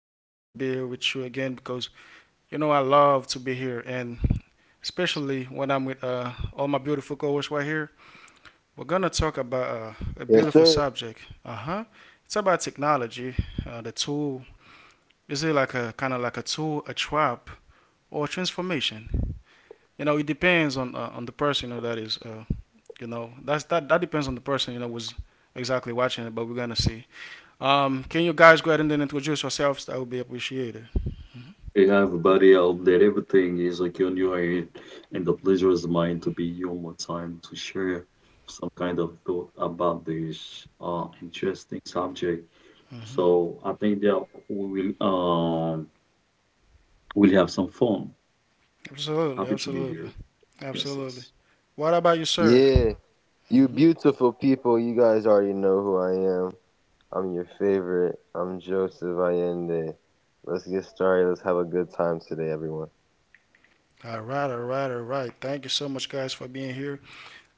pleasure for me to be here with you again because you know I love to be here, and especially when I'm with all my beautiful co-hosts right here. We're gonna talk about a beautiful subject. Uh huh. It's about technology, the tool. Is it like a kind of like a tool, a trap, or a transformation? You know, it depends on the person you know, that is. That depends on the person was exactly watching it, but we're gonna see. Can you guys go ahead and then introduce yourselves? That would be appreciated. Yeah, everybody out there, everything is like on your head, and the pleasure is mine to be here one more time to share some kind of thought about this interesting subject. Hmm. So I think that we will we'll have some fun. Absolutely, Happy to be absolutely, here. Yes, absolutely. yes. What about you, sir? Hmm. All right, all right, all right. Thank you so much, guys, for being here,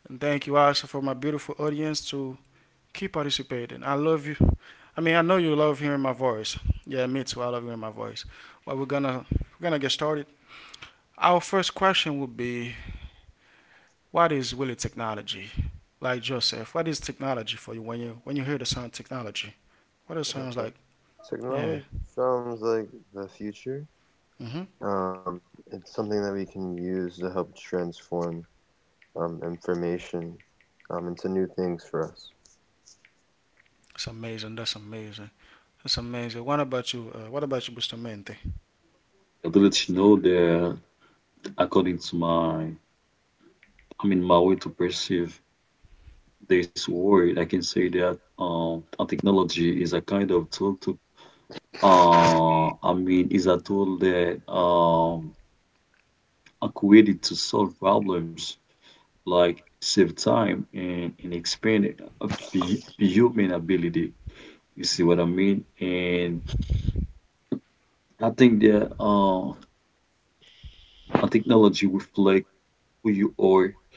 and thank you also for my beautiful audience to keep participating. I love you. I mean, I know you love hearing my voice. Yeah, me too. I love hearing my voice. But we're gonna get started. Our first question would be, what is really technology? Like Joseph, what is technology for you when you hear the sound technology? What it sounds like. Yeah. Mhm. It's amazing. That's amazing. That's amazing. What about you? What about you, Bustamante? I do let you know that according to my, my way to perceive this world, I can say that a technology is a kind of tool to, is a tool that are created to solve problems, like save time and expand human ability. You see what I mean? And I think that a technology reflect who you are,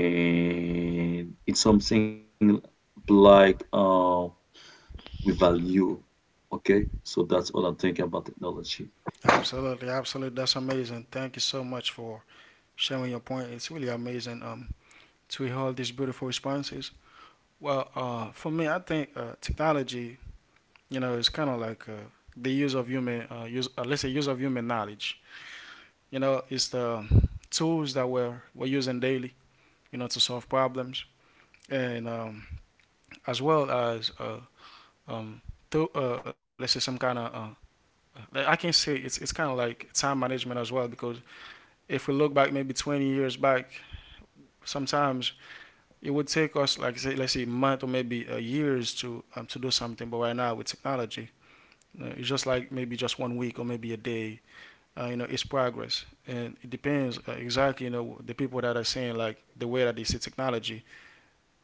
and it's something like we value. Okay, so that's what I think about technology. Absolutely. Absolutely. That's amazing. Thank you so much for sharing your point. It's really amazing. To hear all these beautiful responses. Well, for me, I think technology, you know, is kind of like the use of human, let's say, use of human knowledge. You know, it's the tools that we're using daily, you know, to solve problems, and as well as um, to, let's say some kind of like, I can say it's kind of like time management as well because if we look back maybe 20 years back, sometimes it would take us like say let's say month or maybe years to do something. But right now with technology, you know, it's just like maybe just 1 week or maybe a day. You know, it's progress, and it depends exactly. You know, the people that are saying like the way that they see technology,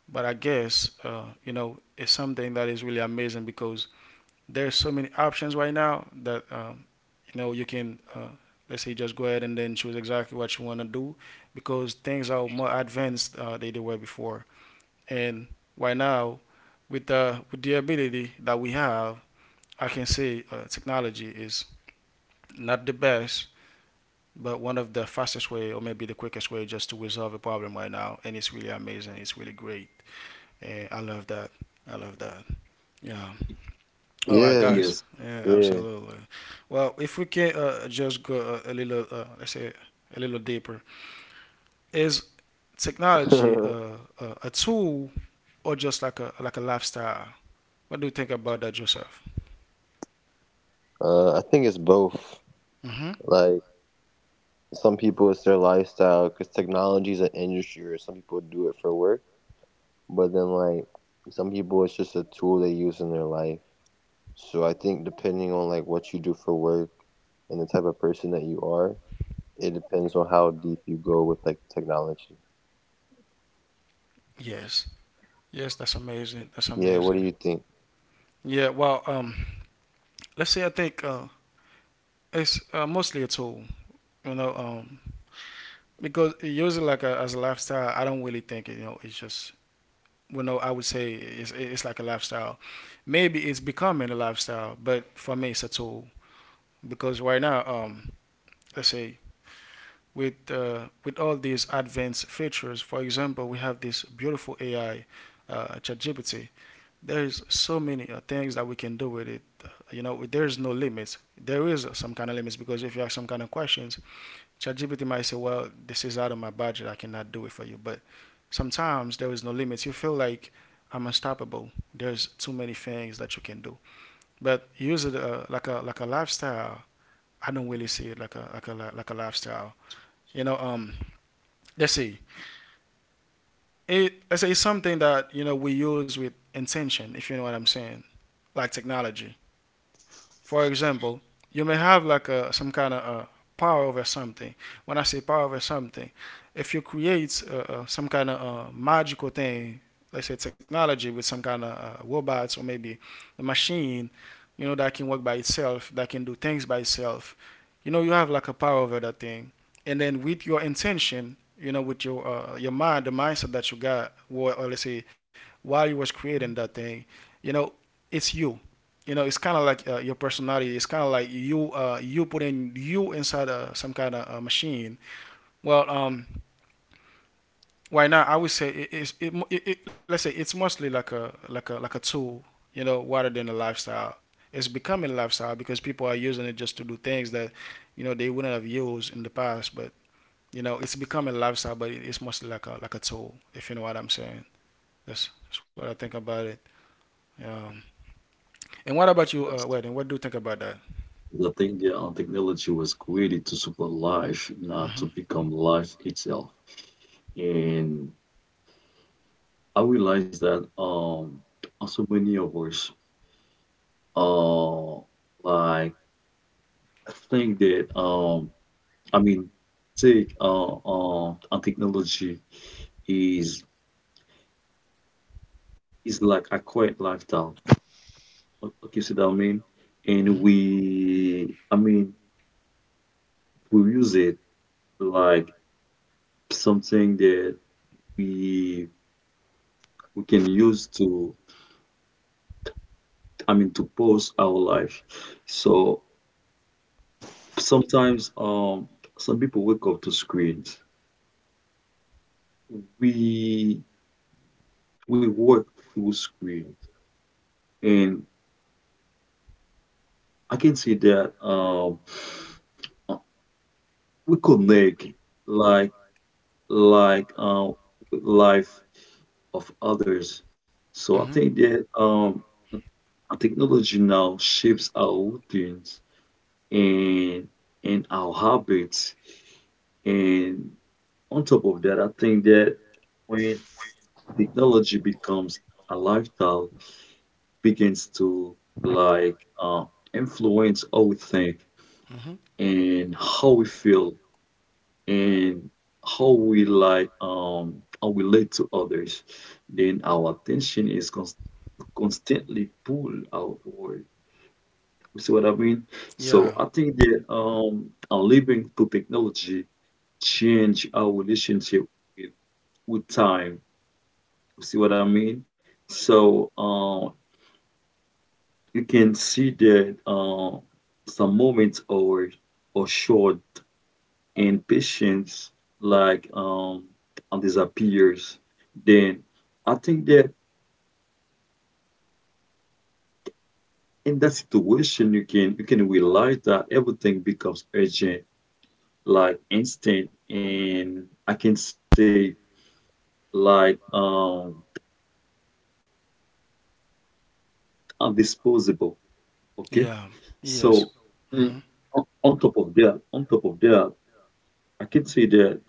but I guess you know it's something that is really amazing because there's so many options right now that you know you can let's say just go ahead and then choose exactly what you want to do because things are more advanced than they were before and right now with the ability that we have I can say technology is not the best but one of the fastest way or maybe the quickest way just to resolve a problem right now, and it's really amazing, it's really great, and I love that, I love that. Yeah. All right, guys. Yes. Yeah, absolutely. Well, if we can just go a little, let's say, a little deeper, is technology a tool or just like a lifestyle? What do you think about that yourself? Mm-hmm. Yes. Yes, that's amazing. That's amazing. Yeah. Well, let's say I think it's mostly a tool. You know, because using like a, as a lifestyle, I don't really think it, you know it's just well, no, I would say it's like a lifestyle. Maybe it's becoming a lifestyle, but for me, it's a tool because right now, let's say with all these advanced features, for example, we have this beautiful AI, ChatGPT. There's so many things that we can do with it. You know, there's no limits. There is some kind of limits because if you have some kind of questions, ChatGPT might say, "Well, this is out of my budget. I cannot do it for you." But sometimes there is no limits. You feel like I'm unstoppable. There's too many things that you can do. But use it like a lifestyle. I don't really see it like a lifestyle. You know, let's see. It let's say it's something that you know we use with intention. If you know what I'm saying, like technology. For example, you may have like a some kind of a power over something. When I say power over something, if you create some kind of magical thing, let's say technology with some kind of robots or maybe a machine, you know that can work by itself, that can do things by itself. You know you have like a power over that thing, and then with your intention, you know, with your mind, the mindset that you got, or let's say while you was creating that thing, you know, it's you, you know it's kind of like your personality, it's kind of like you you put in you inside a some kind of machine. Well, right now I would say it let's say it's mostly like a tool, you know, rather than a lifestyle. It's becoming a lifestyle because people are using it just to do things that you know they wouldn't have used in the past, but you know it's becoming a lifestyle but it's mostly like a tool if you know what I'm saying. That's what I think about it. um, and what about you Wed, what do you think about that? The idea of technology was created to support life, not to Hmm. become life itself. And I realized that also many of us uh like think that I mean take technology is is like a quiet lifestyle. Okay, see what I mean? Mmhmm. And we I mean we use it like something that we we can use to, I mean, to pause our life. So sometimes, some people wake up to screens. We we work through screens, and I can see that uh, we connect like like with life of others. So I Mmhmm. think that technology now shapes our routines and and our habits and on top of that, I think that when technology becomes a lifestyle, begins to like influence how we think Mhm. and how we feel and how we like how we relate to others, then our attention is constantly pulled outward. You see what I mean? So Yeah. I think that our living through technology change our relationship with, with time. See what I mean? So you can see that some moments are short and patience like and disappears. Then I think that in that situation you can realize that everything becomes urgent, like instant, and I can say like disposable. Okay, so Yeah. mm, Yes. on on top Mhm. of that, I can see that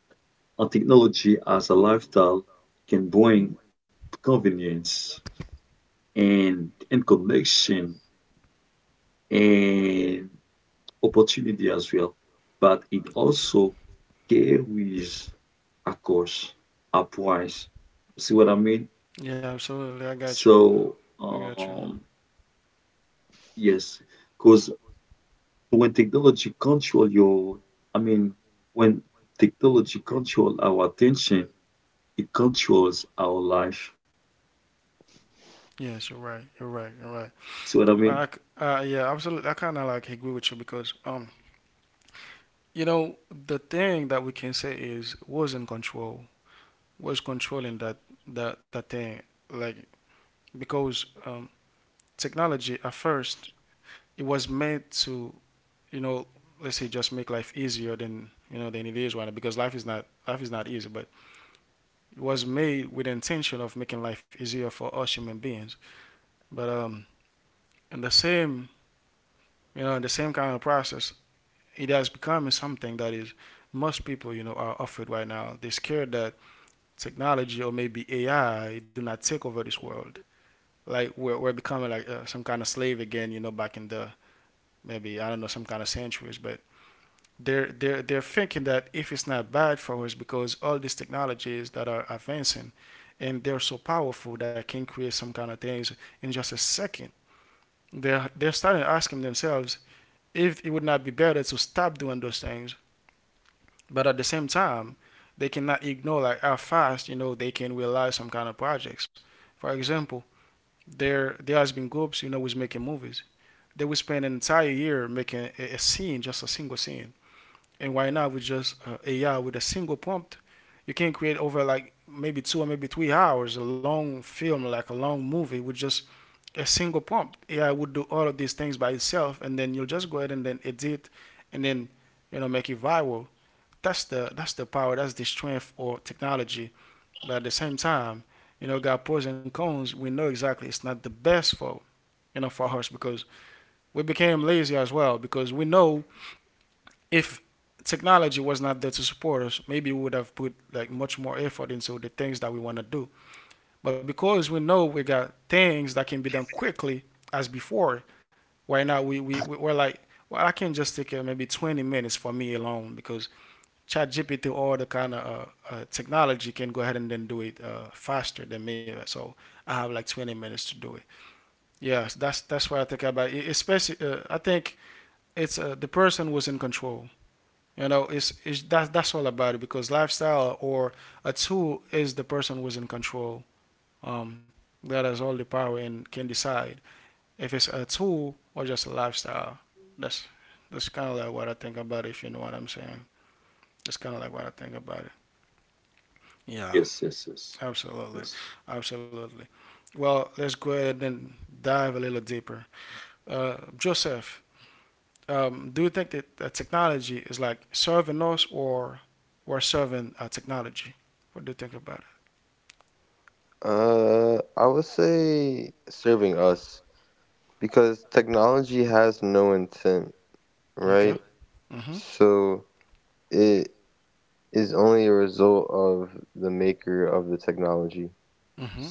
a technology as a lifestyle can bring convenience and connection and opportunity as well, but it also carries a cost, a price. See what I mean? Yeah, absolutely, I got you. So I got you. Yes, because when technology control your, I mean, when technology control our attention. It controls our life. Yes, you're right. You're right. You're right. See what I Well, mean? Yeah, absolutely. I kind of like agree with you because, you know, the thing that we can say is was in control, was controlling that thing, like because technology at first it was meant to, you know, let's say just make life easier than you know than it is right now because life is not easy, but it was made with the intention of making life easier for us human beings. But in the same you know, in the same kind of process, it has become something that is most people you know are afraid right now, they're scared that technology or maybe ai do not take over this world, like we're becoming like some kind of slave again you know back in the maybe I don't know some kind of centuries, but they're thinking that if it's not bad for us because all these technologies that are advancing and they're so powerful that can create some kind of things in just a second, they're starting asking themselves if it would not be better to stop doing those things. But at the same time, they cannot ignore like how fast you know they can realize some kind of projects. For example, there has been groups you know who's making movies. They will spend an entire year making a scene, just a single scene. And right now with just AI with a single prompt, you can create over like maybe two or maybe 3 hours a long film, like a long movie with just a single prompt. AI would do all of these things by itself, and then you'll just go ahead and then edit, and then you know make it viral. That's the that's the power, that's the strength of technology. But at the same time, you know, got pros and cons. We know exactly it's not the best for you know for us because we became lazy as well because we know if technology was not there to support us, maybe we would have put like much more effort into the things that we want to do. But because we know we got things that can be done quickly as before, right now we are like, well, I can just take maybe 20 minutes for me alone because ChatGPT or the kind of technology can go ahead and then do it faster than me. So I have like 20 minutes to do it. Yes, that's what I think about it. Especially, I think it's the person who's in control. You know, that's all about it because lifestyle or a tool is the person who's in control. Um, that has all the power and can decide if it's a tool or just a lifestyle. That's that's kind of like what I think about it. If you know what I'm saying, that's kind of like what I think about it. Yeah. Yes, yes, yes, Absolutely, yes. absolutely. Well, let's go ahead and dive a little deeper. Joseph, do you think that technology is like serving us, or we're serving technology? What do you think about it? Okay. Mm-hmm. Mm-hmm.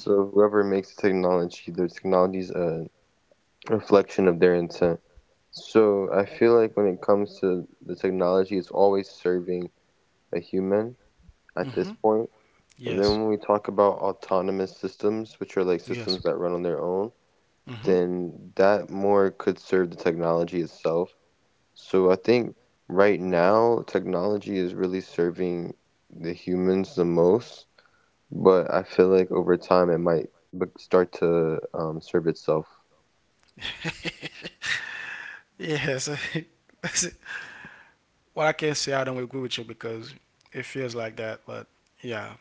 Mm-hmm. Yes. Yes. Mm-hmm. Yes. What I can not say, I don't agree with you because it feels like that. But yeah.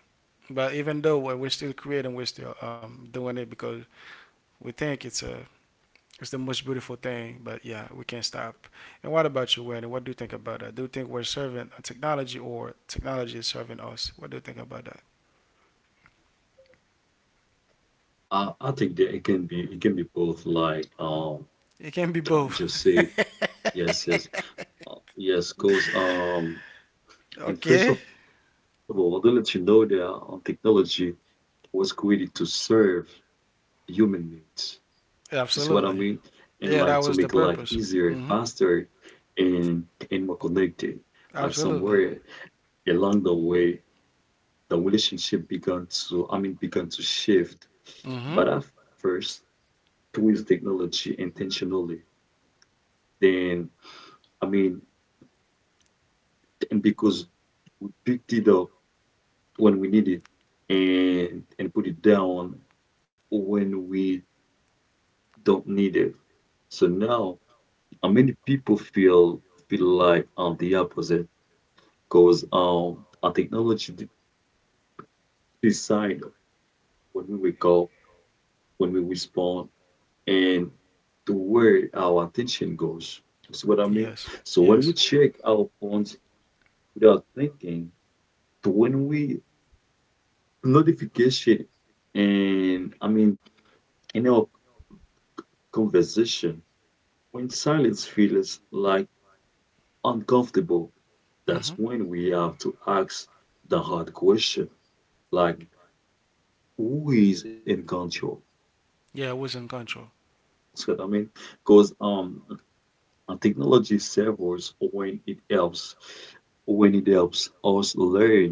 But even though we're still creating, we're still doing it because we think it's a it's the most beautiful thing, but yeah, we can't stop. And what about you, Wendy? What do you think about that? Do you think we're serving a technology or technology is serving us? What do you think about that? I think that it can be both like It can be both. just say yes yes yes. Because Okay. and first of all to let you know that technology was created to serve human needs. You see what I Absolutely. mean, and Yeah, that like to was the make life purpose. easier, Mm-hmm. faster and and more connected, but Absolutely. somewhere along the way the relationship began to, I mean, began to shift. Mm-hmm. But at first, towards technology intentionally. Then, I mean, and because picked it up when we need it and put it down when we don't need it. So now, many people feel feel like the opposite because our technology decide when we wake up, when we respond, and to where our attention goes. You see what I mean? Yes. So when Yes. we check our phones without thinking, to when we notification and I mean in our conversation, when silence feels like uncomfortable, Mm-hmm. that's when we have to ask the hard question, like who is in control? Yeah, it was in control. See what I mean? Because technology serves us when it helps us learn,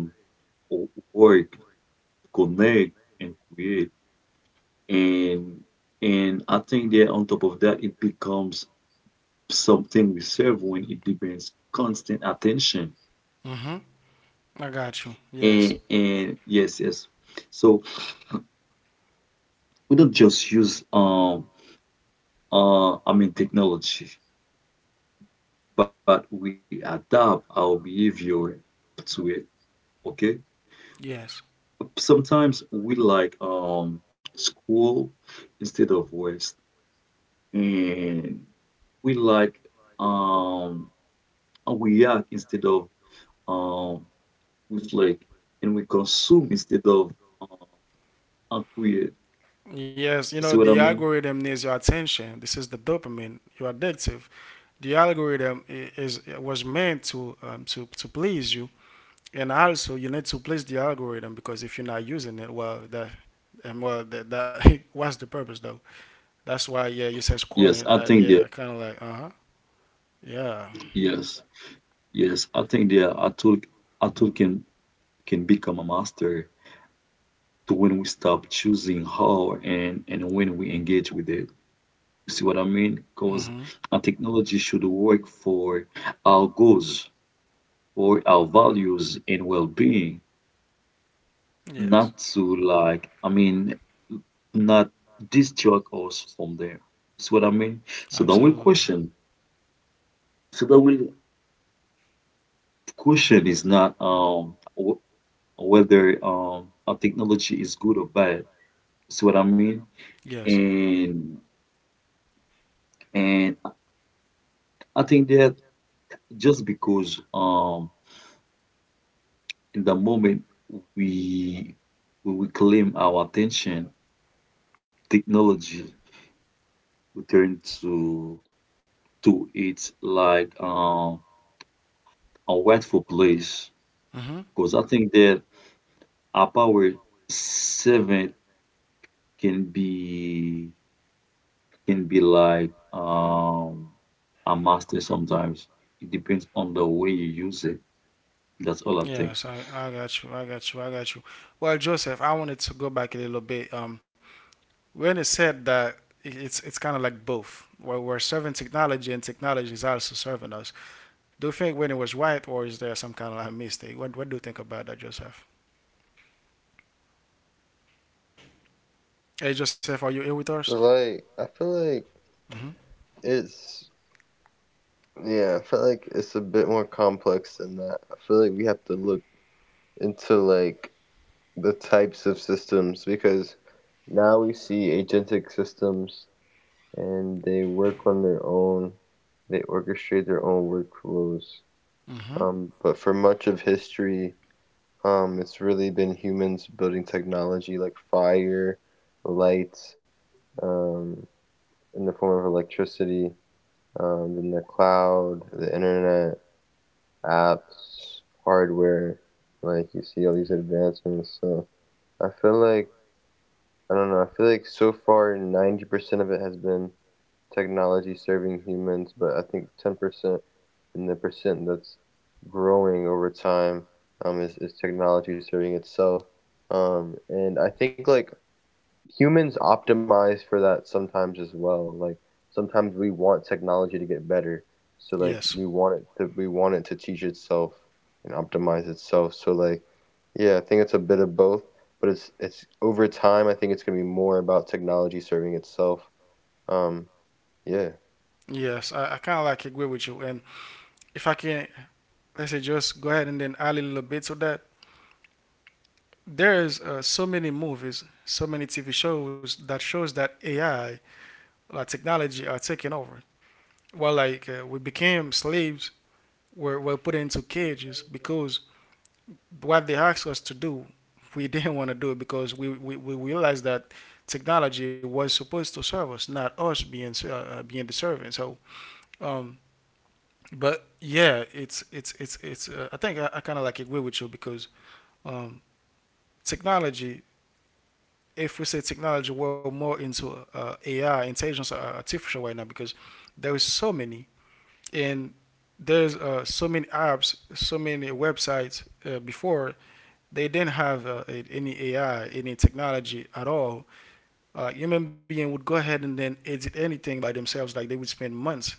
or work, connect, and create. And and I think that on top of that, it becomes something we serve when it demands constant attention. Mm-hmm. I got you. Yes. And yes, yes. So we don't just use technology, but we adapt our behavior to it. Okay. Yes. Sometimes we like school instead of rest, and we like um and we react instead of um with like, and we consume instead of um and create. Yes, you know, You see the what I mean? algorithm needs your attention. This is the dopamine, your addictive. The algorithm I- is was meant to please you, and also you need to please the algorithm because if you're not using it, well, that and well, that, that what's the purpose though? That's why, yeah, you said Yes, scrolling. I think that Yeah, kind of like, uh huh, yeah, yes, yes, I think that a tool can become a master to when we stop choosing how and when we engage with it. You see what I mean? Because mm-hmm, a technology should work for our goals or our values and well-being, yes. not to like, I mean, not distract us from there. See what I mean? So the real Absolutely. question, so the real question is not whether a technology is good or bad. See what I mean? Yes. And and I think that just because in the moment we we reclaim our attention, technology return to it like a rightful place. Mm-hmm. Because I think that our power seven can be can be like a master sometimes. It depends on the way you use it. That's all I Yes, think. I got you. I got you. I got you. Well, Joseph, I wanted to go back a little bit when it said that it's kind of like both, where we're serving technology, and technology is also serving us. Do you think when it was right, or is there some kind of like mistake? What do you think about that, Joseph? Hey, Joseph, are you here with us? Mm-hmm. Mm-hmm. Yes. Yes, I kind of like agree with you. And if I can, let's say, just go ahead and then add a little bit to that. There's so many movies, so many TV shows that AI, like technology, are taking over. Well, like we became slaves, were put into cages because what they asked us to do, we didn't want to do it because we realized that technology was supposed to serve us, not us being being the servant. So, um, but yeah, it's it's. I think I kind of like agree with you because um, technology. If we say technology, we're more into AI, intelligence, artificial right now because there is so many. And there's so many apps, so many websites before they didn't have any AI, any technology at all. Human being would go ahead and then edit anything by themselves, like they would spend months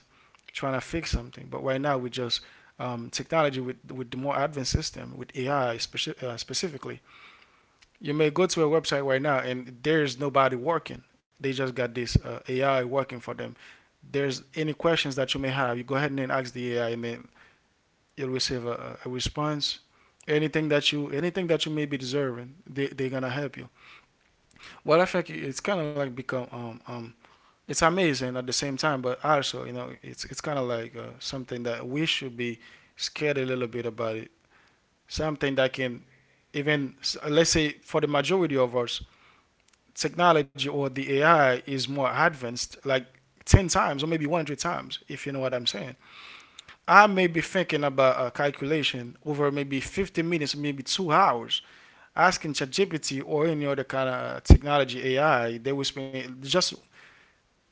trying to fix something. But right now, we just technology with the more advanced system with AI specifically, you may go to a website right now and there's nobody working. They just got this AI working for them. There's any questions that you may have, you go ahead and then ask the AI and then you'll receive a response anything that you may be deserving. They, they're gonna help you. Well, I think it's kind of like become it's amazing at the same time, but also, you know, it's kind of like something that we should be scared a little bit about it. Something that can even, let's say, for the majority of us, technology or the AI is more advanced like 10 times or maybe 100 times, if you know what I'm saying. I may be thinking about a calculation over maybe 50 minutes, maybe 2 hours, asking ChatGPT or any other kind of technology AI. They will spend just,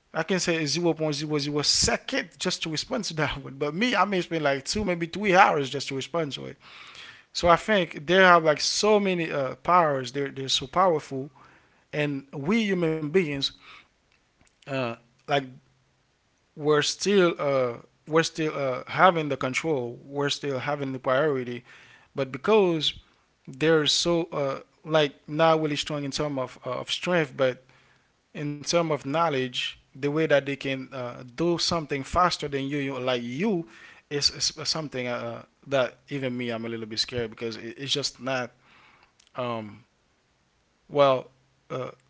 I can say, 0.00 point zero zero second just to respond to that one. But me, I may spend like 2, maybe 3 hours just to respond to it. So I think they have like so many powers. They're so powerful, and we human beings, uh, like we're still uh, we're still having the control. We're still having the priority. But because they're so like not really strong in terms of strength, but in terms of knowledge, the way that they can do something faster than you, is something that even me, I'm a little bit scared because it's just not. Um, well, uh,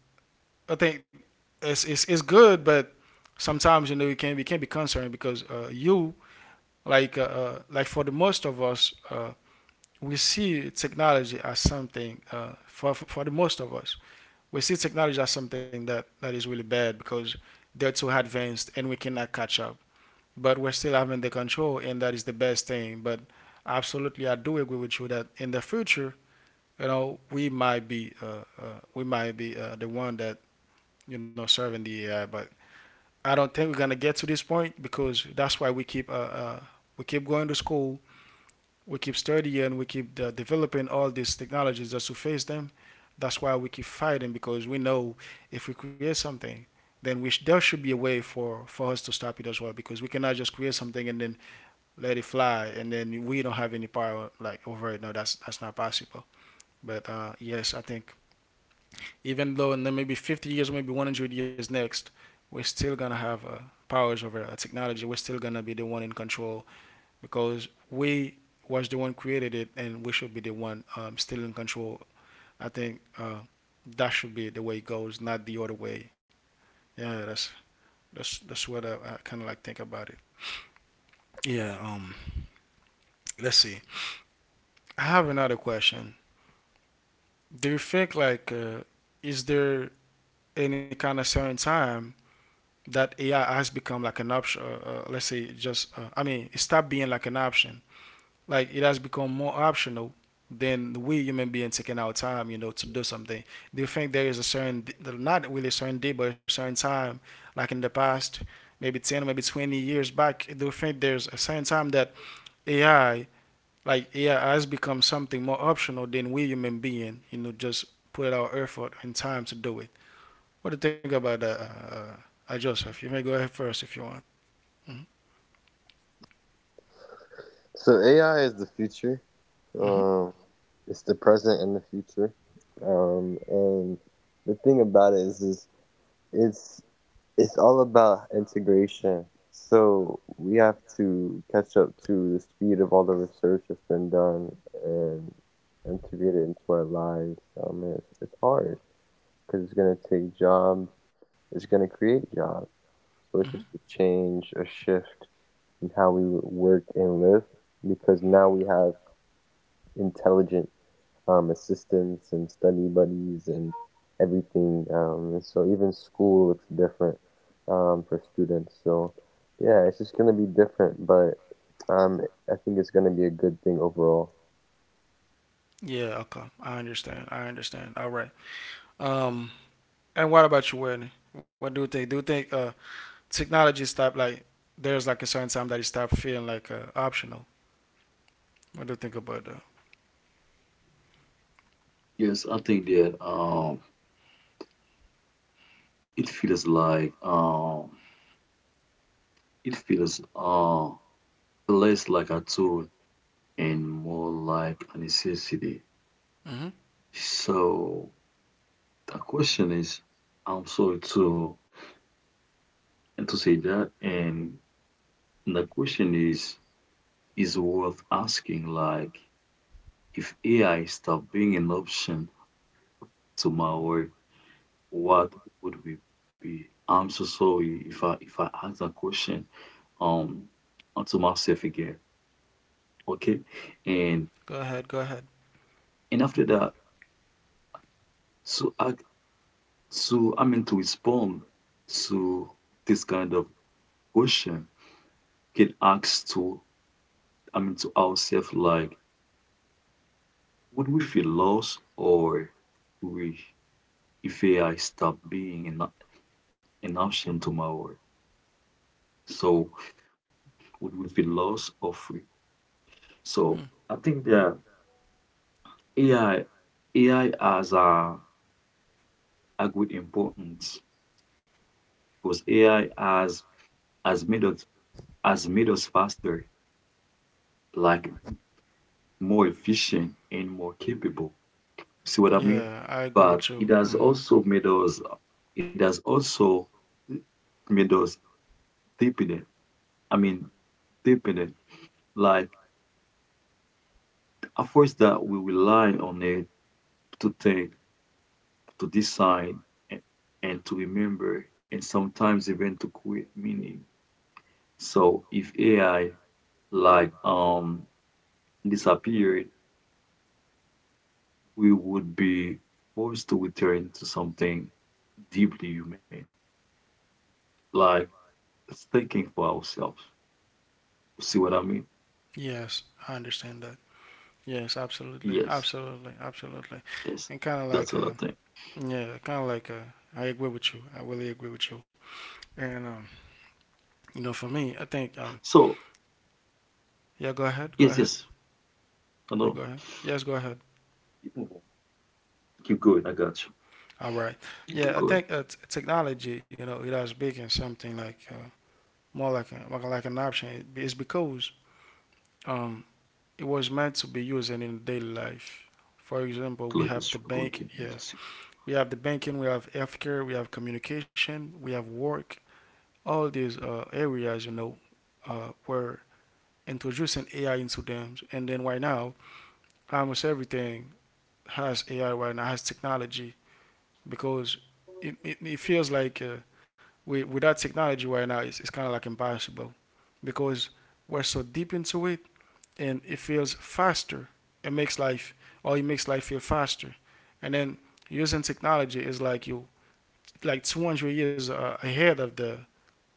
I think it's, it's good, but sometimes you know you can we can be concerned because you like for the most of us, we see technology as something for the most of us we see technology as something that is really bad because they're too advanced and we cannot catch up. But we're still having the control and that is the best thing. But absolutely, I do agree with you that in the future, you know, we might be the one that, you know, serving the AI. But I don't think we're gonna get to this point because that's why uh, we keep going to school, we keep studying, we keep developing all these technologies that surface them. That's why we keep fighting because we know if we create something, then there should be a way for us to stop it as well, because we cannot just create something and then let it fly and then we don't have any power like over it. No, that's not possible. But yes, I think even though in the maybe 50 years, maybe 100 years next, we're still gonna have powers over technology. We're still gonna be the one in control because we was the one created it, and we should be the one still in control. I think that should be the way it goes, not the other way. Yeah, that's what I kind of like think about it. Yeah. Let's see. I have another question. Do you think like is there any kind of certain time that AI has become like an option? Let's say just I mean, it stopped being like an option. Like it has become more optional than we human beings taking our time, you know, to do something. Do you think there is a certain, not really a certain day, but a certain time, like in the past, maybe 10 or maybe 20 years back, do you think there's a certain time that AI, like AI has become something more optional than we human being, you know, just put our effort and time to do it? What do you think about that, Joseph? You may go ahead first if you want. Hmm. Hmm. Hmm. Yeah, okay. I understand. I understand. All right. Um. And what about you, Wendy? What do you think? Do you think technology stop like there's like a certain time that it stop feeling like optional? What do you think about that? Yes, I think that it feels like it feels less like a tool and more like a necessity. Mm-hmm. So the question is, I'm sorry to and to say that, and the question is worth asking. Like, if AI stopped being an option tomorrow, what would we be? I'm so sorry if I ask that question um to myself again. Okay, and Go ahead, go ahead. and after that to ask. So, I mean, to respond to this kind of question, can ask to, I mean, to ourselves, like, would we feel lost or we, if AI stop being an option tomorrow? So, would we feel lost or free? Hmm. So, I think that AI, AI has a great importance because has made us, has made us faster, like more efficient and more capable. See what I Yeah, mean? I agree with But you. it has Mm-hmm. also made us, it has also made us deepen it. I mean, deepen it. Like, at first, that we rely on it to think, to decide, and, and to remember, and sometimes even to create meaning. So, if AI, like, disappeared, we would be forced to return to something deeply human, like thinking for ourselves. See what I mean? Yes, I understand that. Yes, absolutely, Yes, absolutely, absolutely, yes, and kind of like that's what I think. yeah, kind of like I agree with you. I really agree with you. And you know, for me, I think So, yeah, yes, go yes, ahead, I know. you go ahead. Yes, go ahead. Keep moving. Keep going. I got you. All right. You Yeah, keep I going. think technology, you know, it has become something like more like like an option. It's because um, it was meant to be used in daily life. For example, we Look, have let's the try to go bank. again. And Yeah, Just we have the banking. We have healthcare. We have communication. We have work. All these areas, you know, were introducing AI into them. And then right now, almost everything has AI right now, has technology. Because it feels like with that technology right now, it's kind of like impossible because we're so deep into it and it feels faster. It makes life feel faster. And then using technology is like 200 years ahead of the,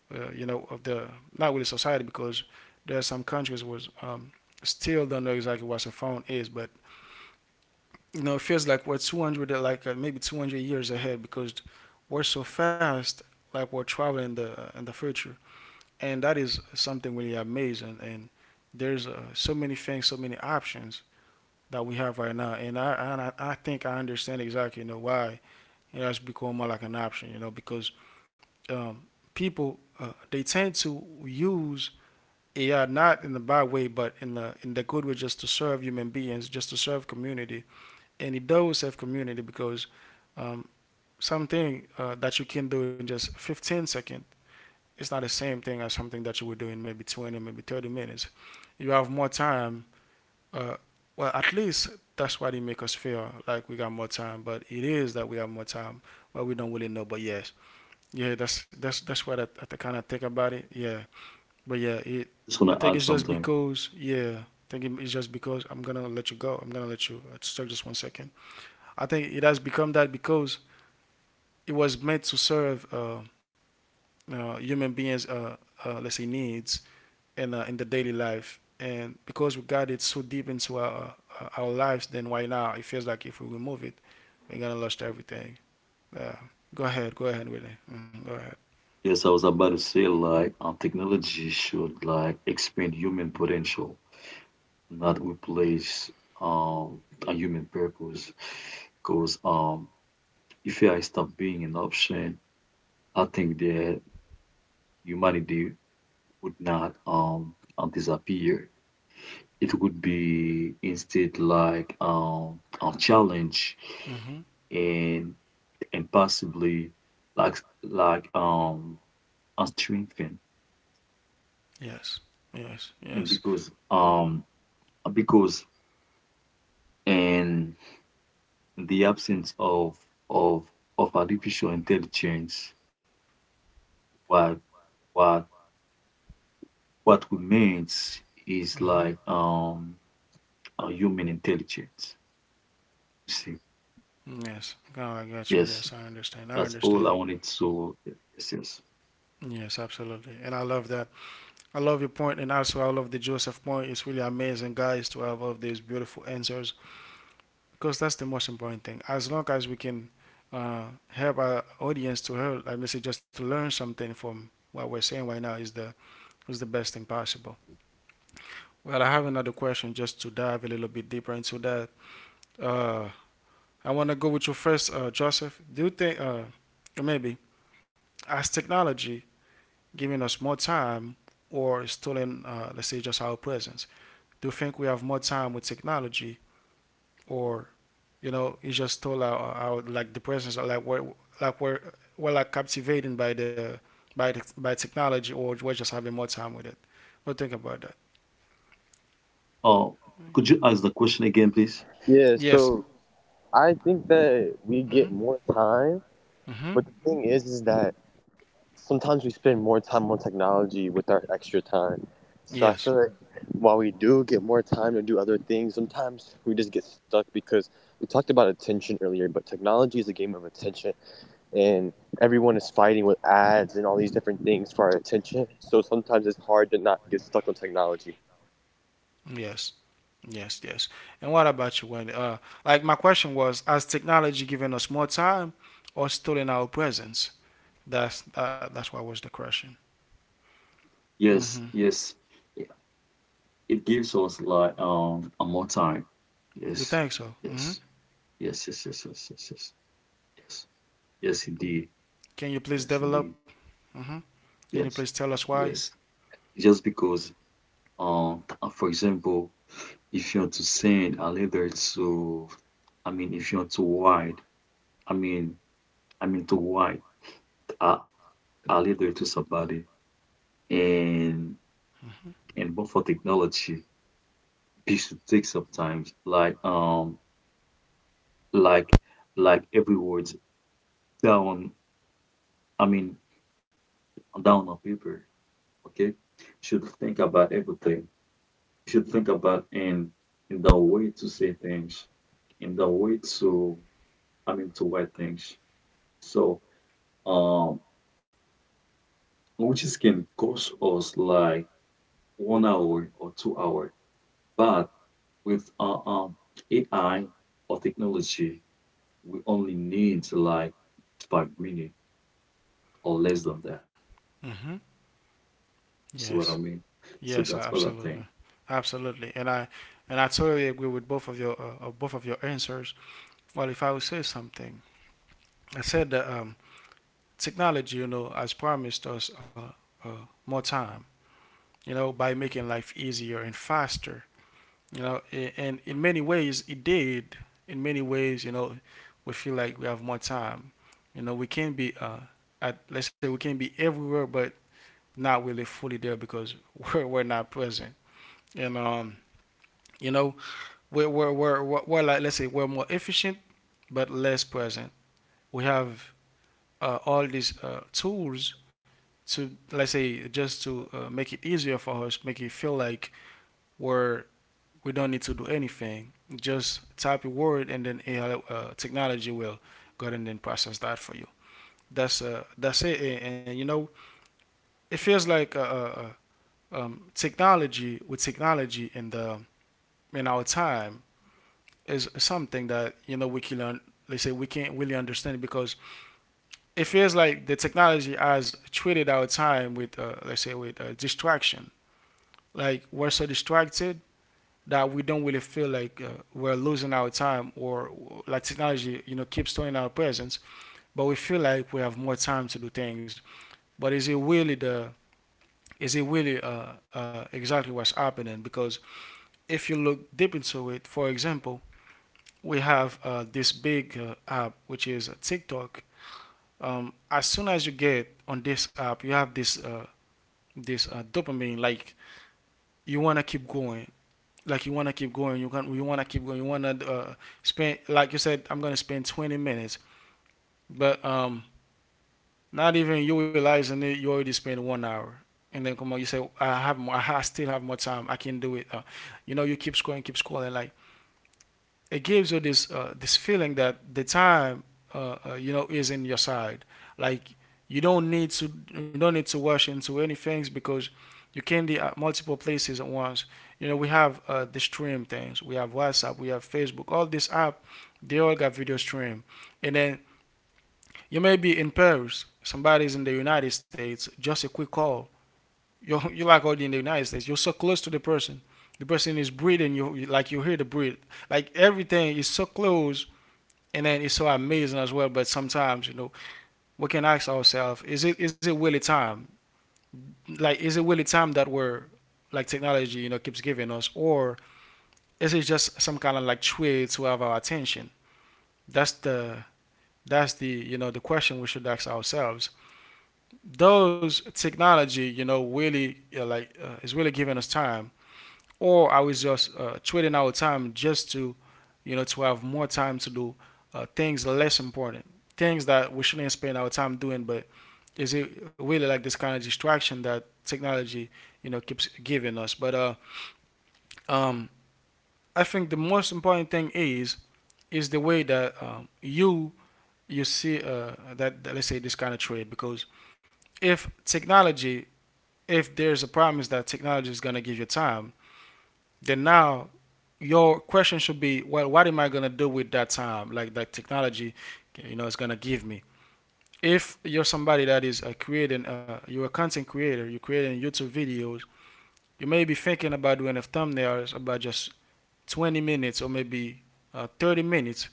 uh, you know, of the, not really society, because there are some countries was still don't know exactly what a phone is, but you know, it feels like we're 200, like uh, maybe 200 years ahead because we're so fast, like we're traveling the in the future, and that is something really amazing. And there's so many things, so many options that we have right now, and I think I understand exactly, you know, why it has become more like an option, you know, because um, people they tend to use AI not in the bad way, but in the good way, just to serve human beings, just to serve community. And it does have community because um, something that you can do in just 15 seconds, it's not the same thing as something that you would do in maybe 20, maybe 30 minutes. You have more time. Uh, well at least that's why they make us feel like we got more time, but it is that we have more time, but we don't really know. But yes. Yeah, that's what I kind of think about it, yeah. But yeah, it just I wanna think it's add just something. because, yeah. I think it's just because, I'm gonna let you go. I'm gonna let you. Just, it's just 1 second. I think it has become that because it was meant to serve human beings, let's say, needs in the daily life. And because we got it so deep into our lives, then why now it feels like if we remove it, we're gonna lose everything. Uh, Go ahead, go ahead, Willie. Mm, go ahead. Yes, I was about to say like technology should like expand human potential, not replace um a human purpose. Because if AI stopped being an option, I think that humanity would not disappear. It would be instead like a challenge Hmm. and and possibly like a strengthen, Yes, yes, and yes. because because in the absence of of of artificial intelligence what what what remains is like Hmm. A human intelligence, you see. Yes. Yes, God, I got you. that's Yes, all I I wanted understand. I to. understand. Yes, yes. Yes, absolutely. And I love that. I love your point, and also I love the Joseph point. It's really amazing, guys, to have all of these beautiful answers, because that's the most important thing. As long as we can help our audience to help, like basically just to learn something from what we're saying right now, is the best thing possible. Well, I have another question just to dive a little bit deeper into that. Uh, I want to go with you first, Joseph. Do you think, or maybe, as technology giving us more time or stealing, let's say, just our presence? Do you think we have more time with technology, or you know, it's just all our like the presence, or like we're we're like captivated by the by technology, or we're just having more time with it? What do you think about that? Oh, could you ask the question again, please? Yes. Mhm. Mhm. Yes. Yes. Yes. Yes. And what about you, Wendy? Like my question was, has technology given us more time, or stolen our presence? That's what was the question. Yes, Mhm. yes. Yeah, it gives us like a more time. You Yes, think so? Mhm. yes, yes, yes, yes, yes, yes, yes, yes, yes, indeed, Can you please yes, develop? indeed, Mm-hmm. Can you please yes, tell us why? yes. Just because for example, if you want to send a letter to, I mean, if you want to write, I mean, to write a, a letter to somebody, and Mm-hmm. and but for technology. This should take some time, like like every word down. I mean, down on paper. Okay, should think about everything. Should think about in the way to say things, in the way to, I mean, to write things. So um, which is can cost us like 1 hour or 2 hour, but with AI or technology, we only need like 5 minutes or less than that. Mm-hmm. You see Yes. what I mean? So Yes. that's what I think. Absolutely. Absolutely. And I totally agree with both of your both of your answers. Well, if I would say something, I said that technology, you know, has promised us more time. You know, by making life easier and faster. You know, and in many ways it did. In many ways, you know, we feel like we have more time. You know, we can be, let's say we can be everywhere, but not really fully there because we're not present. And um, you know, we're like, let's say, we're more efficient but less present. We have all these tools to, let's say, just to make it easier for us, make it feel like we're, we don't need to do anything. Just type a word and then AI technology will go ahead and then process that for you. That's it. And, you know, it feels like technology, with technology in the in our time is something that, you know, we can they say we can't really understand it because it feels like the technology has treated our time with let's say with distraction. Like we're so distracted that we don't really feel like we're losing our time, or like technology, you know, keeps storing our presence, but we feel like we have more time to do things. But is it really the is it really exactly what's happening? Because if you look deep into it, for example, we have this big app, which is TikTok. Um, as soon as you get on this app, you have this dopamine. Like you want to keep going, like you want to keep going, you can, you want to keep going, you want to spend, like you said, I'm going to spend 20 minutes, but um, not even you realizing it, you already spent 1 hour. And then come on, you say I have more, I still have more time, I can do it, you know. You keep scrolling, keep scrolling. Like it gives you this feeling that the time, you know, is in your side. Like you don't need to, you don't need to rush into any things, because you can be at multiple places at once. You know, we have the stream things, we have WhatsApp, we have Facebook, all this app, they all got video stream. And then you may be in Paris, somebody's in the United States, just a quick call, you're like already in the United States, you're so close to the person. The person is breathing you, like, you hear the breathe. Like everything is so close, and then it's so amazing as well. But sometimes, you know, we can ask ourselves: is it really time? Like, is it really time that we're like technology, you know, keeps giving us, or is it just some kind of like trade to have our attention? That's the, that's the, you know, the question we should ask ourselves. Those technology, you know, really is really giving us time, or I was just trading out time just to, you know, to have more time to do things less important, things that we shouldn't spend our time doing. But is it really like this kind of distraction that technology, you know, keeps giving us? But um, I think the most important thing is the way that you, you see that, that, let's say, this kind of trade. Because if technology, if there's a promise that technology is going to give you time, then now your question should be, well, what am I gonna do with that time, like that technology, you know, it's gonna give me? If you're somebody that is creating, you're a content creator, you're creating YouTube videos, you may be thinking about doing a thumbnails about just 20 minutes or maybe 30 minutes,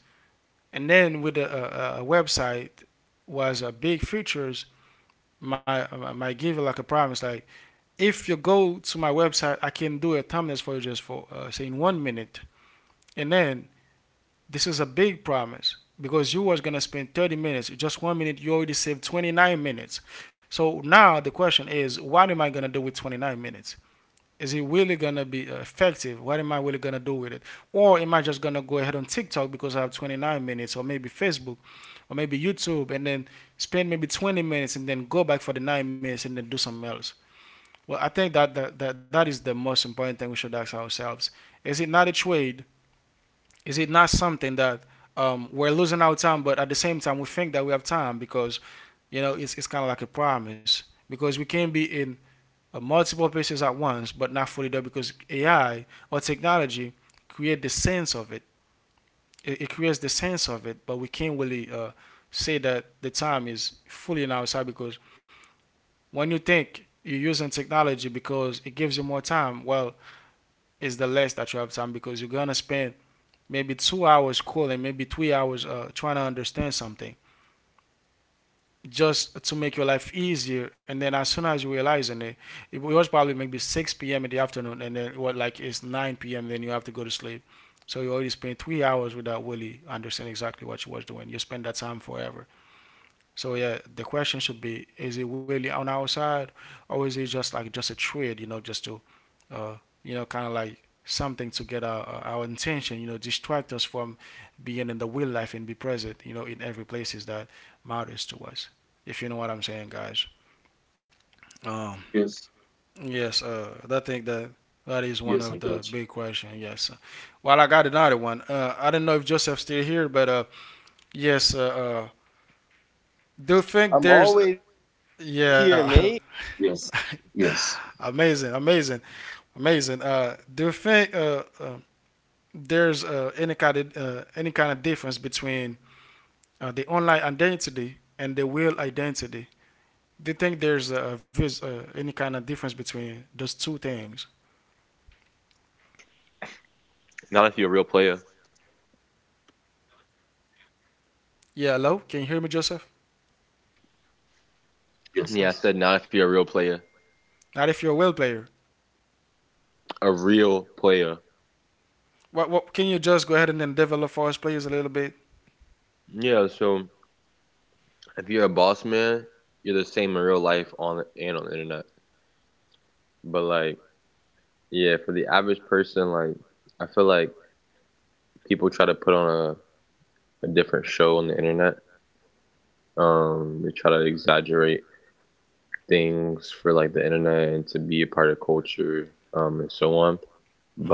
and then with a website was a big features, my my give you like a promise, like if you go to my website I can do a thumbnails for you just for, say, in 1 minute. And then this is a big promise, because you was gonna spend 30 minutes, just 1 minute, you already saved 29 minutes. So now the question is, what am I gonna do with 29 minutes? Is it really gonna be effective? What am I really gonna do with it? Or am I just gonna go ahead on TikTok because I have 29 minutes, or maybe Facebook, or maybe YouTube, and then spend maybe 20 minutes and then go back for the 9 minutes and then do something else? Well, I think that that is the most important thing we should ask ourselves. Is it not a trade, is it not something that, we're losing our time, but at the same time we think that we have time, because you know it's kind of like a promise, because we can be in multiple places at once, but not fully there because AI or technology create the sense of it. It creates the sense of it, but we can't really say that the time is fully in our side. Because when you think you're using technology because it gives you more time, well, it's the less that you have time, because you're gonna spend maybe 2 hours calling, maybe 3 hours trying to understand something just to make your life easier. And then as soon as you realizing it, it was probably maybe 6 p.m. in the afternoon, and then what, like it's 9 p.m. Then you have to go to sleep. So you already spent 3 hours without really understanding exactly what you was doing. You spend that time forever. So yeah, the question should be: is it really on our side, or is it just like just a trade? You know, just to, uh, you know, kind of like something to get our intention, you know, distract us from being in the real life and be present, you know, in every places that matters to us. If you know what I'm saying, guys. Um, Yes, yes, I think that that is one of yes, I the got big question. Yes. Well, I got another one. I don't know if Joseph's still here, but yes. Do you think there's? yeah. you. Yes, yes, Amazing, amazing, amazing. Do you think? There's any kind of difference between the online identity and the real identity. They think there's a any kind of difference between those two things. Yeah, hello, can you hear me, Joseph? yes, yes. Not if you're a well player. What can you just go ahead and then develop for us, players, a little bit?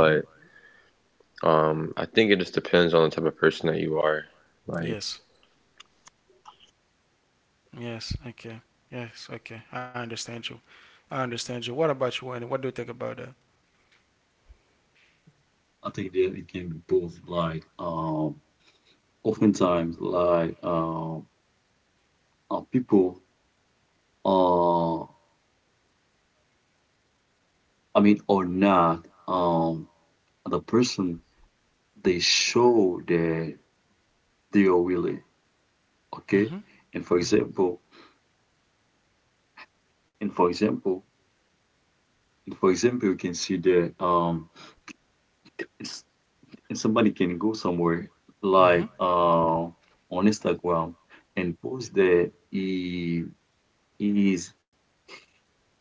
Mm-hmm. Yes, yes, okay, yes, okay. I understand you. I understand you. What about you, Wayne? What do you think about that? I think that it can be both. Like, oftentimes, like, people, uh, I mean, or not, the person they show that they are willing. Okay, Mm-hmm. and for Mm-hmm. example, and for example, you can see that, it's and somebody can go somewhere Mm-hmm. like on Instagram and post that he is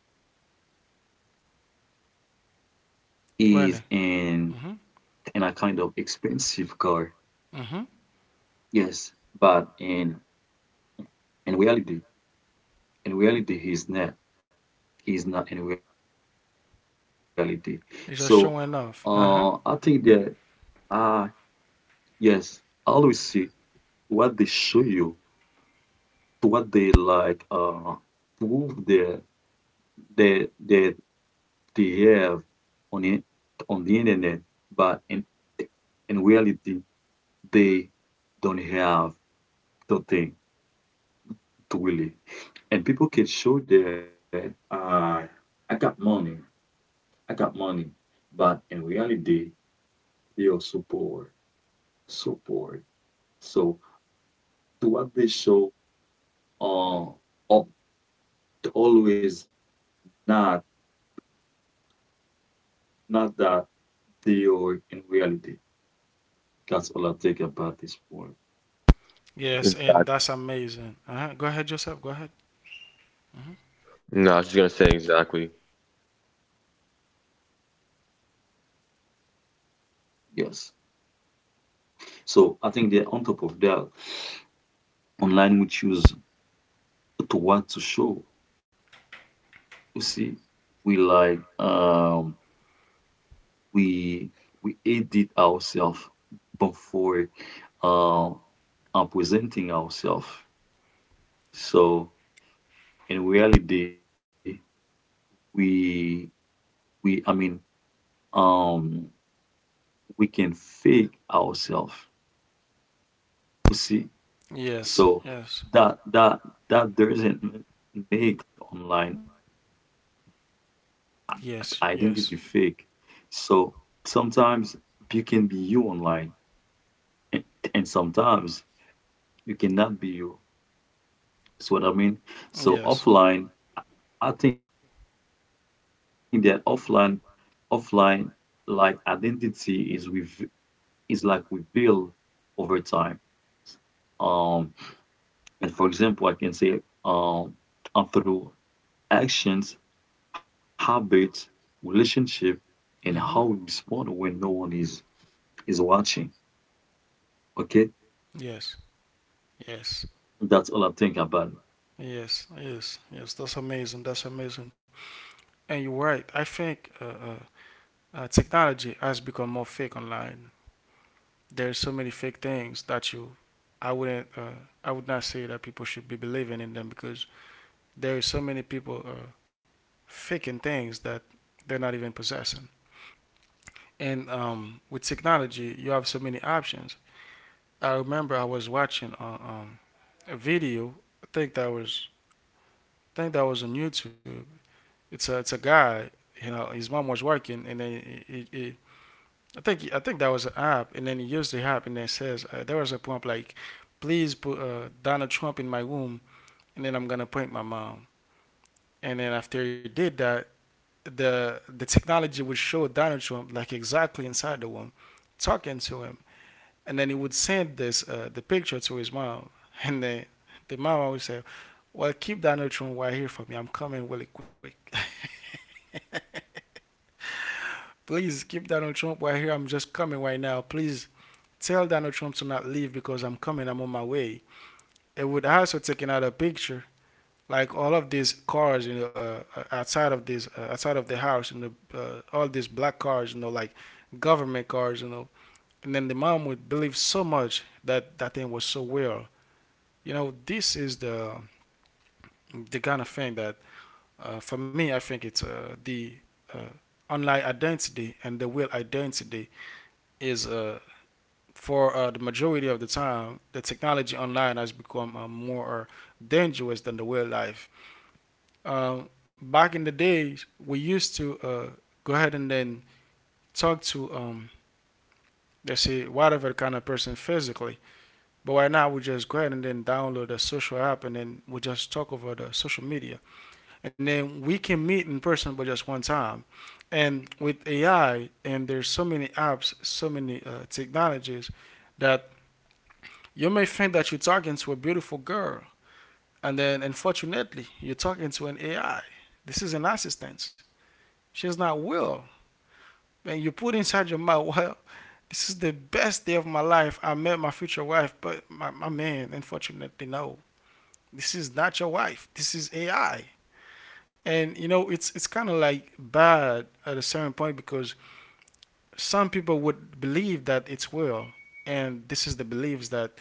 is in a kind of expensive Wayne. car. Mm-hmm. Yes, but Mm-hmm. In reality, in reality, he's not. He's not in reality. So, I think that You're just showing uh off. Uh-huh. yes, always see what they show you, what they like, prove their they have on it on the internet, but in reality they don't have the thing to really. And people can show that I got money, I got money, but in reality they are so poor, so poor. So the what they show uh, are always not not that they are in reality. That's all I think about this point. Yes, and that's amazing. Uh-huh. Go ahead, Joseph. Go ahead. Mhm. Yes. So I think that on top of that, online we choose to what to show. You see, we like we we edit ourselves before uh, presenting ourselves. So in reality, we we, um we can fake ourselves, you see. Yes, So yes, that that doesn't make online i- identity yes, fake. yes, So sometimes you can be you online, and, and sometimes you cannot be you. That's what I mean. So yes. offline, I think that offline like identity is with is like revealed over time um and for example, I can say through actions, habits, relationship, and how we respond when no Mm-hmm. one is watching. Okay, Yes, that's all I yes, think about. yes, yes, yes. That's amazing. That's amazing. And you're right. I think technology has become more fake online. There's so many fake things that I wouldn't, uh, I would not say that people should be believing in them, because there is so many people faking things that they're not even possessing. And with technology, you have so many options. I remember I was watching a video. I think that was I think that was on YouTube. It's a guy. You know, his mom was working, and then he, I think that was an app, and then he used the app, and then it says, there was a prompt like, "Please put Donald Trump in my womb," and then I'm gonna point my mom. And then after he did that, the technology would show Donald Trump like exactly inside the womb, talking to him, and then he would send this the picture to his mom, and then the mom would say, "Well, keep Donald Trump right here for me. I'm coming really quick. Please keep Donald Trump right here. I'm just coming right now. Please tell Donald Trump to not leave, because I'm coming. I'm on my way." It would also take another picture, like all of these cars, you know, outside of this outside of the house, and you know, all these black cars, you know, like government cars, you know. And then the mom would believe so much that that thing was so real. You know, this is the kind of thing that for me I think it's the uh, online identity and the real identity is for the majority of the time the technology online has become more dangerous than the real life. Back in the days we used to go ahead and then talk to let's say whatever kind of person physically, but right now we just go ahead and then download a social app, and then we just talk over the social media, and then we can meet in person, but just one time. And with AI, and there's so many apps, so many technologies, that you may think that you're talking to a beautiful girl, and then unfortunately you're talking to an AI. This is an assistant. She's not real. And you put inside your mouth, "Well, this is the best day of my life, I met my future wife." But my man, unfortunately, no, this is not your wife. This is AI. And you know, it's kind of like bad at a certain point, because some people would believe that it's will. And this is the beliefs that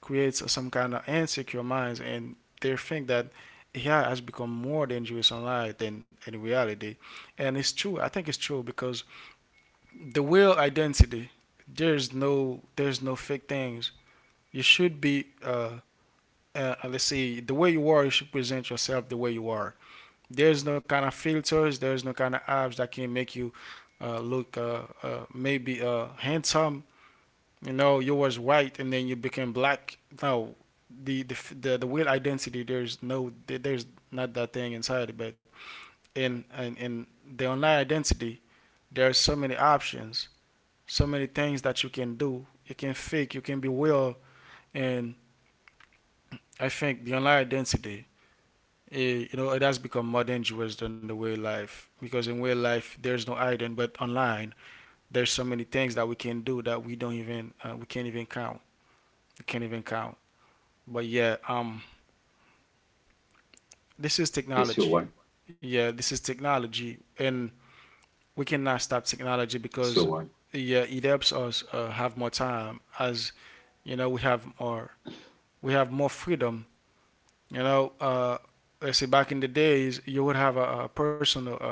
creates some kind of insecure minds, and they think that yeah, has become more dangerous online than in reality. And it's true. I think it's true, because the will identity, there's no fake things. You should be let's see the way you are. You should present yourself the way you are. There's no kind of filters. There's no kind of apps that can make you look maybe handsome. You know, you was white and then you became black. No, the the the real identity. There's no. There's not that thing inside. But in the online identity, there are so many options, so many things that you can do. You can fake. You can be real. And I think the online identity, you know, it has become more dangerous than the way life. Because in real life, there's no hiding, but online, there's so many things that we can do that we don't even, we can't even count. We can't even count. But yeah, this is Yes, you're technology. right. Yeah, this is technology, and we cannot stop Yes, you're right. technology, because yeah, it helps us have more time. As you know, we have more freedom. You know, let's say back in the days, you would have a personal.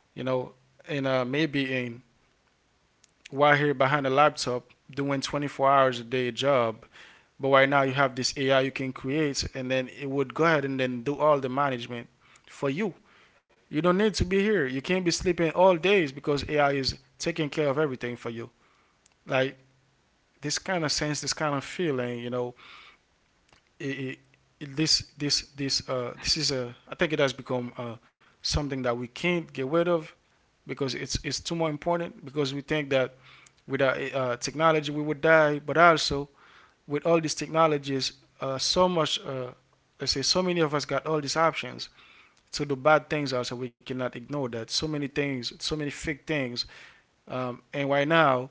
You know, and maybe in while here behind a laptop doing 24 hours a day job. But right now you have this AI you can create, and then it would go ahead and then do all the management for you. You don't need to be here. You can't be sleeping all days because AI is taking care of everything for you. Like this kind of sense, this kind of feeling, you know, it, it, this is a, I think it has become something that we can't get rid of, because it's too more important, because we think that without technology, we would die. But also, with all these technologies, so much, let's say, so many of us got all these options to do bad things. Also, we cannot ignore that. So many things, so many fake things. And right now,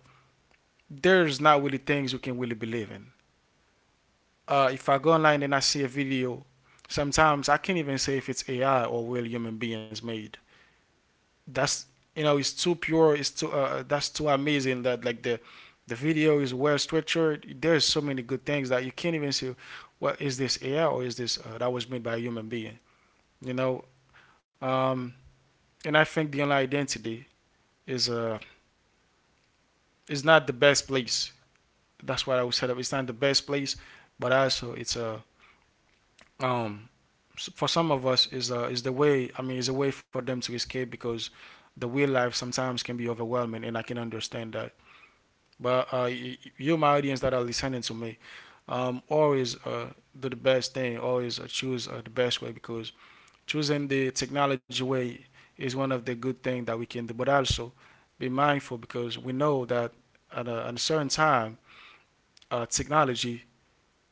there's not really things you can really believe in. If I go online and I see a video, sometimes I can't even say if it's AI or real human beings made. That's, you know, it's too pure, it's too that's too amazing, that like the video is well structured, there's so many good things that you can't even see what is this AI or is this that was made by a human being, you know. um and I think the online identity is uh is not the best place. That's what I would set up, it's not the best place. But also it's a uh, um for some of us is the way, I mean, it's a way for them to escape, because the real life sometimes can be overwhelming, and I can understand that. But you, my audience that are listening to me, always do the best thing. Always choose the best way, because choosing the technology way is one of the good things that we can do. But also be mindful, because we know that at at a certain time, technology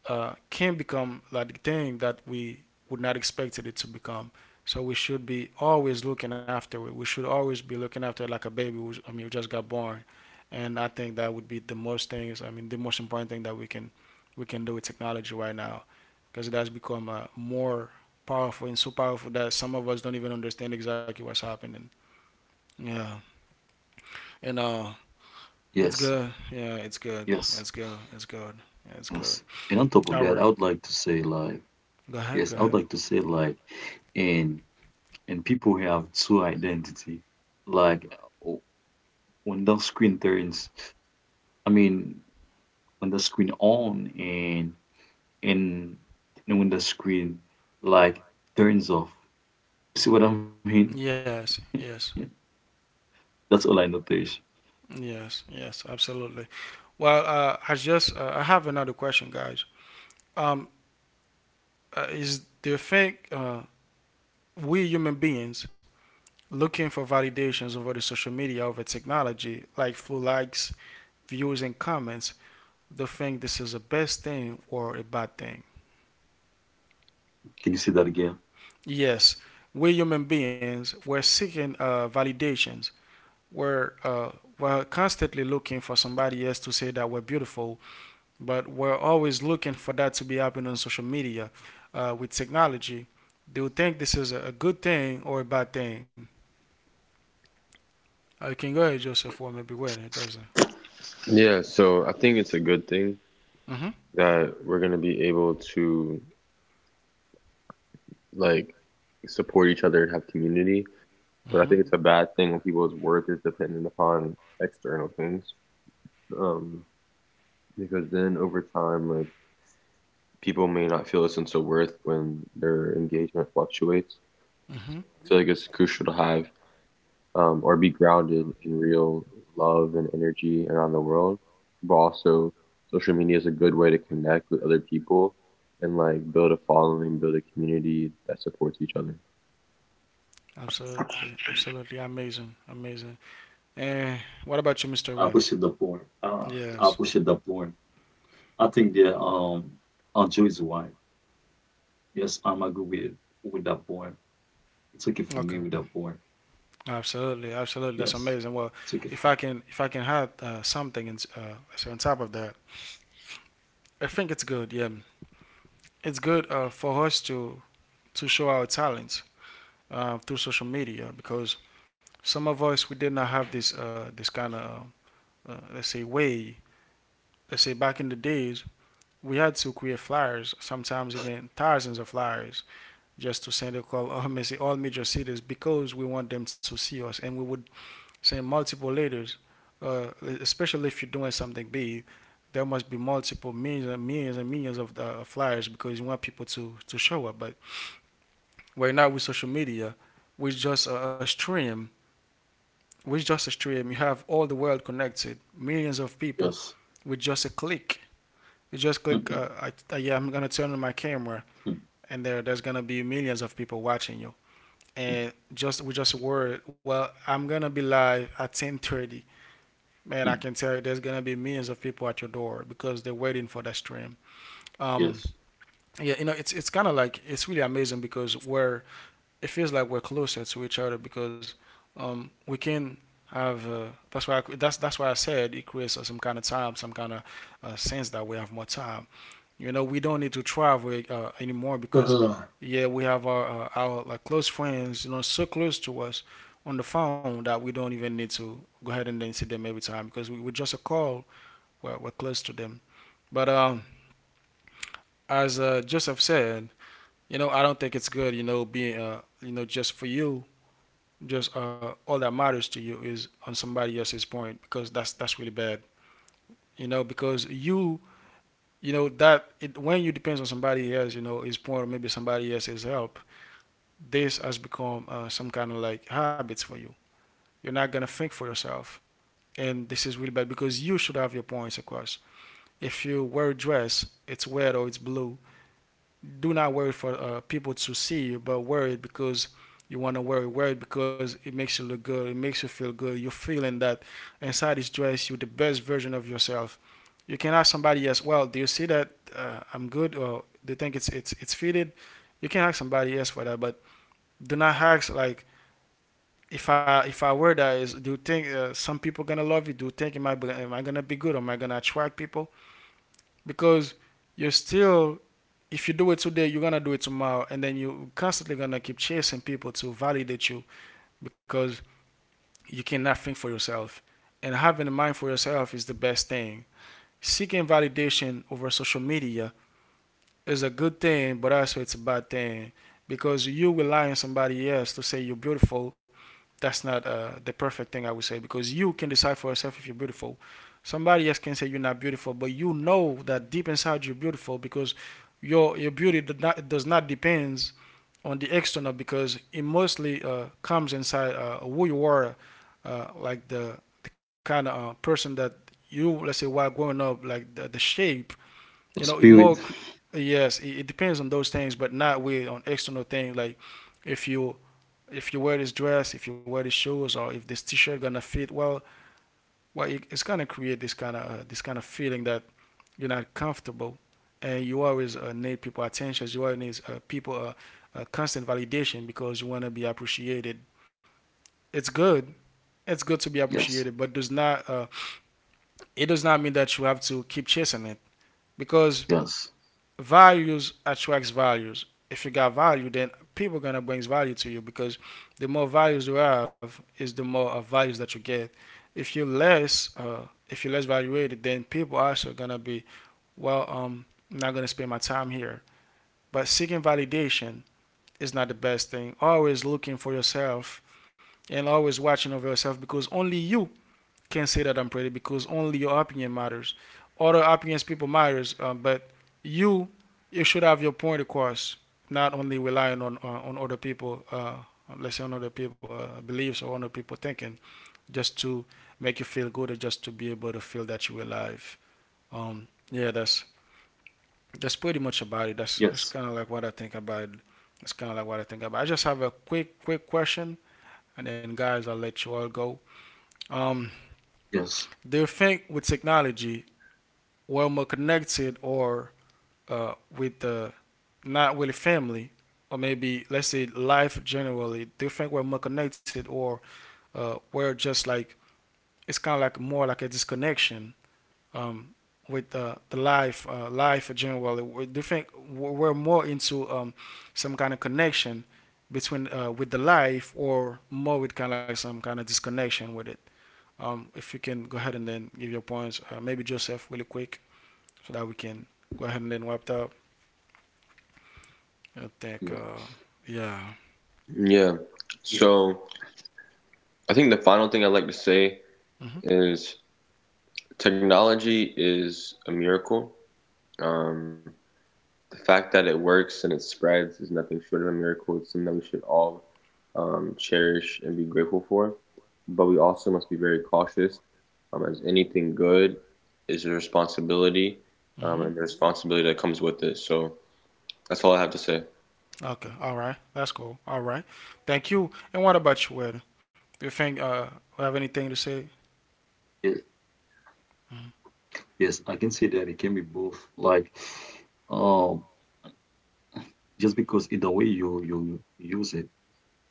can become like the thing that we would not expected it to become. So we should be always looking after it. We should always be looking after it like a baby. I mean, who just got born. And I think that would be the most things. I mean, the most important thing that we can, we can do with technology right now, because it has become more powerful, and so powerful that some of us don't even understand exactly what's happening. Yeah, and Yes, it's good. Yeah, it's yes, good. It's good. It's good. yes. It's good. And on top of that, I All would right, like to say like go yes, I ahead. would Go like to ahead. say like and and people have two identity. Like uh, when the screen turns, I mean when the screen on and then when the screen like turns off. See what I mean? Yes. Yes. That's all I noticed. Yes. Yes. Absolutely. Well, I just I have another question, guys. Um, is do you think we human beings looking for validations over the social media, over technology, like through likes, views, and comments, they think this is a best thing or a bad thing. Can you say that again? Yes, we human beings, we're seeking validations. We're, uh, we're constantly looking for somebody else to say that we're beautiful, but we're always looking for that to be happening on social media with technology. Do you think this is a good thing or a bad thing? I can go ahead, Joseph, or maybe wait, it doesn't. Mm-hmm. Mm-hmm. Mm-hmm. Absolutely, absolutely amazing, amazing. Opposite the porn. And what about you, Mr. Opposite Will? the porn. I Yes. think the Anjo is white. Yes, I'm agree with with that porn. It's okay for me with that porn. Okay. Yes. Absolutely, It's okay absolutely. for That's me. amazing. Well, if I can add something in, so on top of that, I think it's good. Yeah, it's good for us to show our talents through social media, because some of us we did not have this this kind of let's say way. Let's say back in the days, we had to create flyers, sometimes even thousands of flyers just to send a call on all major cities because we want them to see us and we would send multiple letters uh, especially if you're doing something big there must be multiple millions and millions and millions of flyers because you want people to show up. But right now with social media we just a stream with just a stream you have all the world connected, millions of people Yes. with just a click. You just click, yeah, I'm gonna turn on my camera and there's gonna be millions of people watching you. And just we just worried. Well, I'm gonna be live at 10:30. Man, I can tell you, there's gonna be millions of people at your door because they're waiting for that stream. Um, yes. yeah, you know, it's kind of like it's really amazing because we're, it feels like we're closer to each other because we can have uh, that's why I said it creates some kind of time, some kind of sense that we have more time. You know, we don't need to travel anymore, because, Uh, yeah, we have our like close friends, you know, so close to us on the phone that we don't even need to go ahead and then see them every time because we, with just a call, we're close to them. But as Joseph said, you know, I don't think it's good, you know, being you know, just for you, just all that matters to you is on somebody else's point because that's really bad, you know, because you know that it, when you depends on somebody else you know his point or maybe somebody else's help, this has become some kind of like habits for you. You're not gonna think for yourself, and this is really bad because you should have your points across. If you wear a dress, it's red or it's blue. Do not wear it for people to see you, but wear it because you want to wear it. Wear it because it makes you look good. It makes you feel good. You're feeling that inside this dress, you're the best version of yourself. You can ask somebody else, well, do you see that I'm good, or do you think it's fitted? You can ask somebody else for that, but do not ask like if I wear that, is do you think some people gonna love you? Do you think am I gonna be good? Am I gonna attract people? Because you're still, if you do it today, you're gonna do it tomorrow, and then you constantly gonna keep chasing people to validate you because you cannot think for yourself, and having a mind for yourself is the best thing. Seeking validation over social media is a good thing, but also it's a bad thing because you rely on somebody else to say you're beautiful. That's not the perfect thing I would say because you can decide for yourself if you're beautiful. Somebody else can say you're not beautiful, but you know that deep inside you're beautiful because your beauty do not, does not depends on the external because it mostly comes inside who you are, like the kind of person that you, let's say, while growing up, like the shape you know the it more spirit. yes it, it depends on those things but not with on external things like if you if you wear this dress if you wear these shoes or if this t-shirt gonna fit well, well it, it's gonna create this kind of feeling that you're not comfortable and you always need people attention, you always need people constant validation because you want to be appreciated. It's good, it's good to be Yes. appreciated, but does not it does not mean that you have to keep chasing it because Yes. values attracts values. If you got value, then people gonna brings value to you because the more values you have, is the more values that you get. If you less, uh, if you less valuated, then people also gonna be well. I'm not gonna spend my time here. But seeking validation is not the best thing. Always looking for yourself and always watching over yourself because only you can't say that I'm pretty because only your opinion matters. Other opinions people matters, but you you should have your point across, not only relying on other people. Let's say on other people beliefs or other people thinking, just to make you feel good or just to be able to feel that you're alive. Yeah, that's pretty much about it. Yes. That's kind of like what I think about. That's kind of like what I think about. I just have a quick question, and then guys, I'll let you all go. Um, Yes. do you think with technology well more connected or with the not really family or maybe let's say life generally, do you think we're more connected or we're just like it's kind of like more like a disconnection, um, with the life life generally, do you think we're more into some kind of connection between with the life or more with kind of like some kind of disconnection with it, if you can go ahead and then give your points, maybe joseph really quick so that we can go ahead and then wrap up. I think, Yeah. Yeah. Yeah. Mhm. Mhm. Okay. All right. That's cool. All right. Thank you. And what about you, Ed? Do you think Yeah. have anything to say? Yes, I can say that it can be both. Like, um, just because in the way you use it,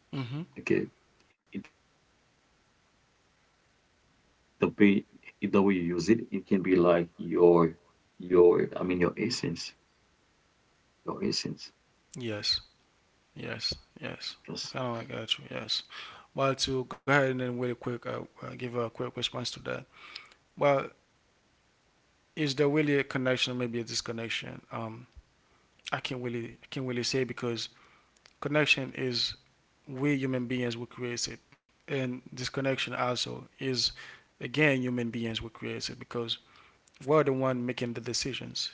okay, Mhm. in the way you use it, it can be like your your essence, your essence. Yes. Yes, Yes. Yes. I kind of like got you. Yes. Well, to go ahead and then really quick, give a quick response to that. Well, is there really a connection? Maybe a disconnection. I can't really say because connection is we human beings who create it, and disconnection also is again human beings who create it because we're the one making the decisions.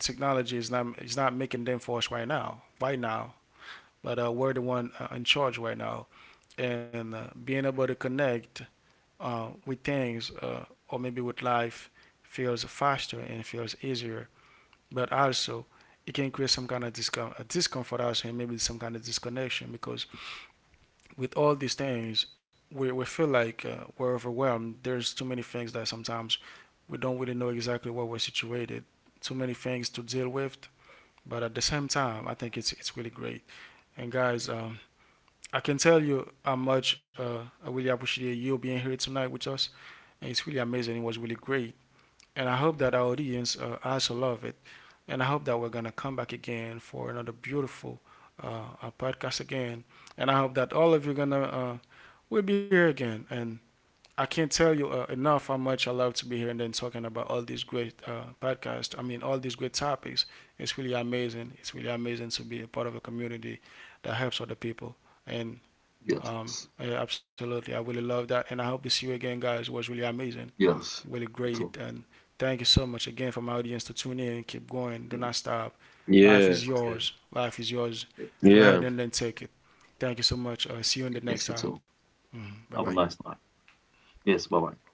Technology is not making them for us right now, right now, but we're the one in charge right now, and being able to connect with things or maybe with life feels faster and feels easier, but also it can create some kind of discomfort also and maybe some kind of disconnection because with all these things, we feel like we're overwhelmed. There's too many things that sometimes we don't really know exactly where we're situated. Too many things to deal with. But at the same time, I think it's really great. And guys, I can tell you how much I really appreciate you being here tonight with us. And it's really amazing. It was really great and I hope that our audience also love it. And I hope that we're gonna come back again for another beautiful podcast again. And I hope that all of you gonna will be here again. And I can't tell you enough how much I love to be here and then talking about all these great podcasts. I mean, all these great topics. It's really amazing. It's really amazing to be a part of a community that helps other people. And yes, yeah, absolutely, I really love that. And I hope to see you again, guys. It was really amazing, yes. really It's great. all. And thank you so much again for my audience to tune in. Keep going. Do not stop. Life is yours. Okay. Life is yours. Yeah, Go ahead yeah. and then take it. Thank you so much. See you in the next Yes, time. it's all. Bye bye. Have a nice night. Yes. Bye bye.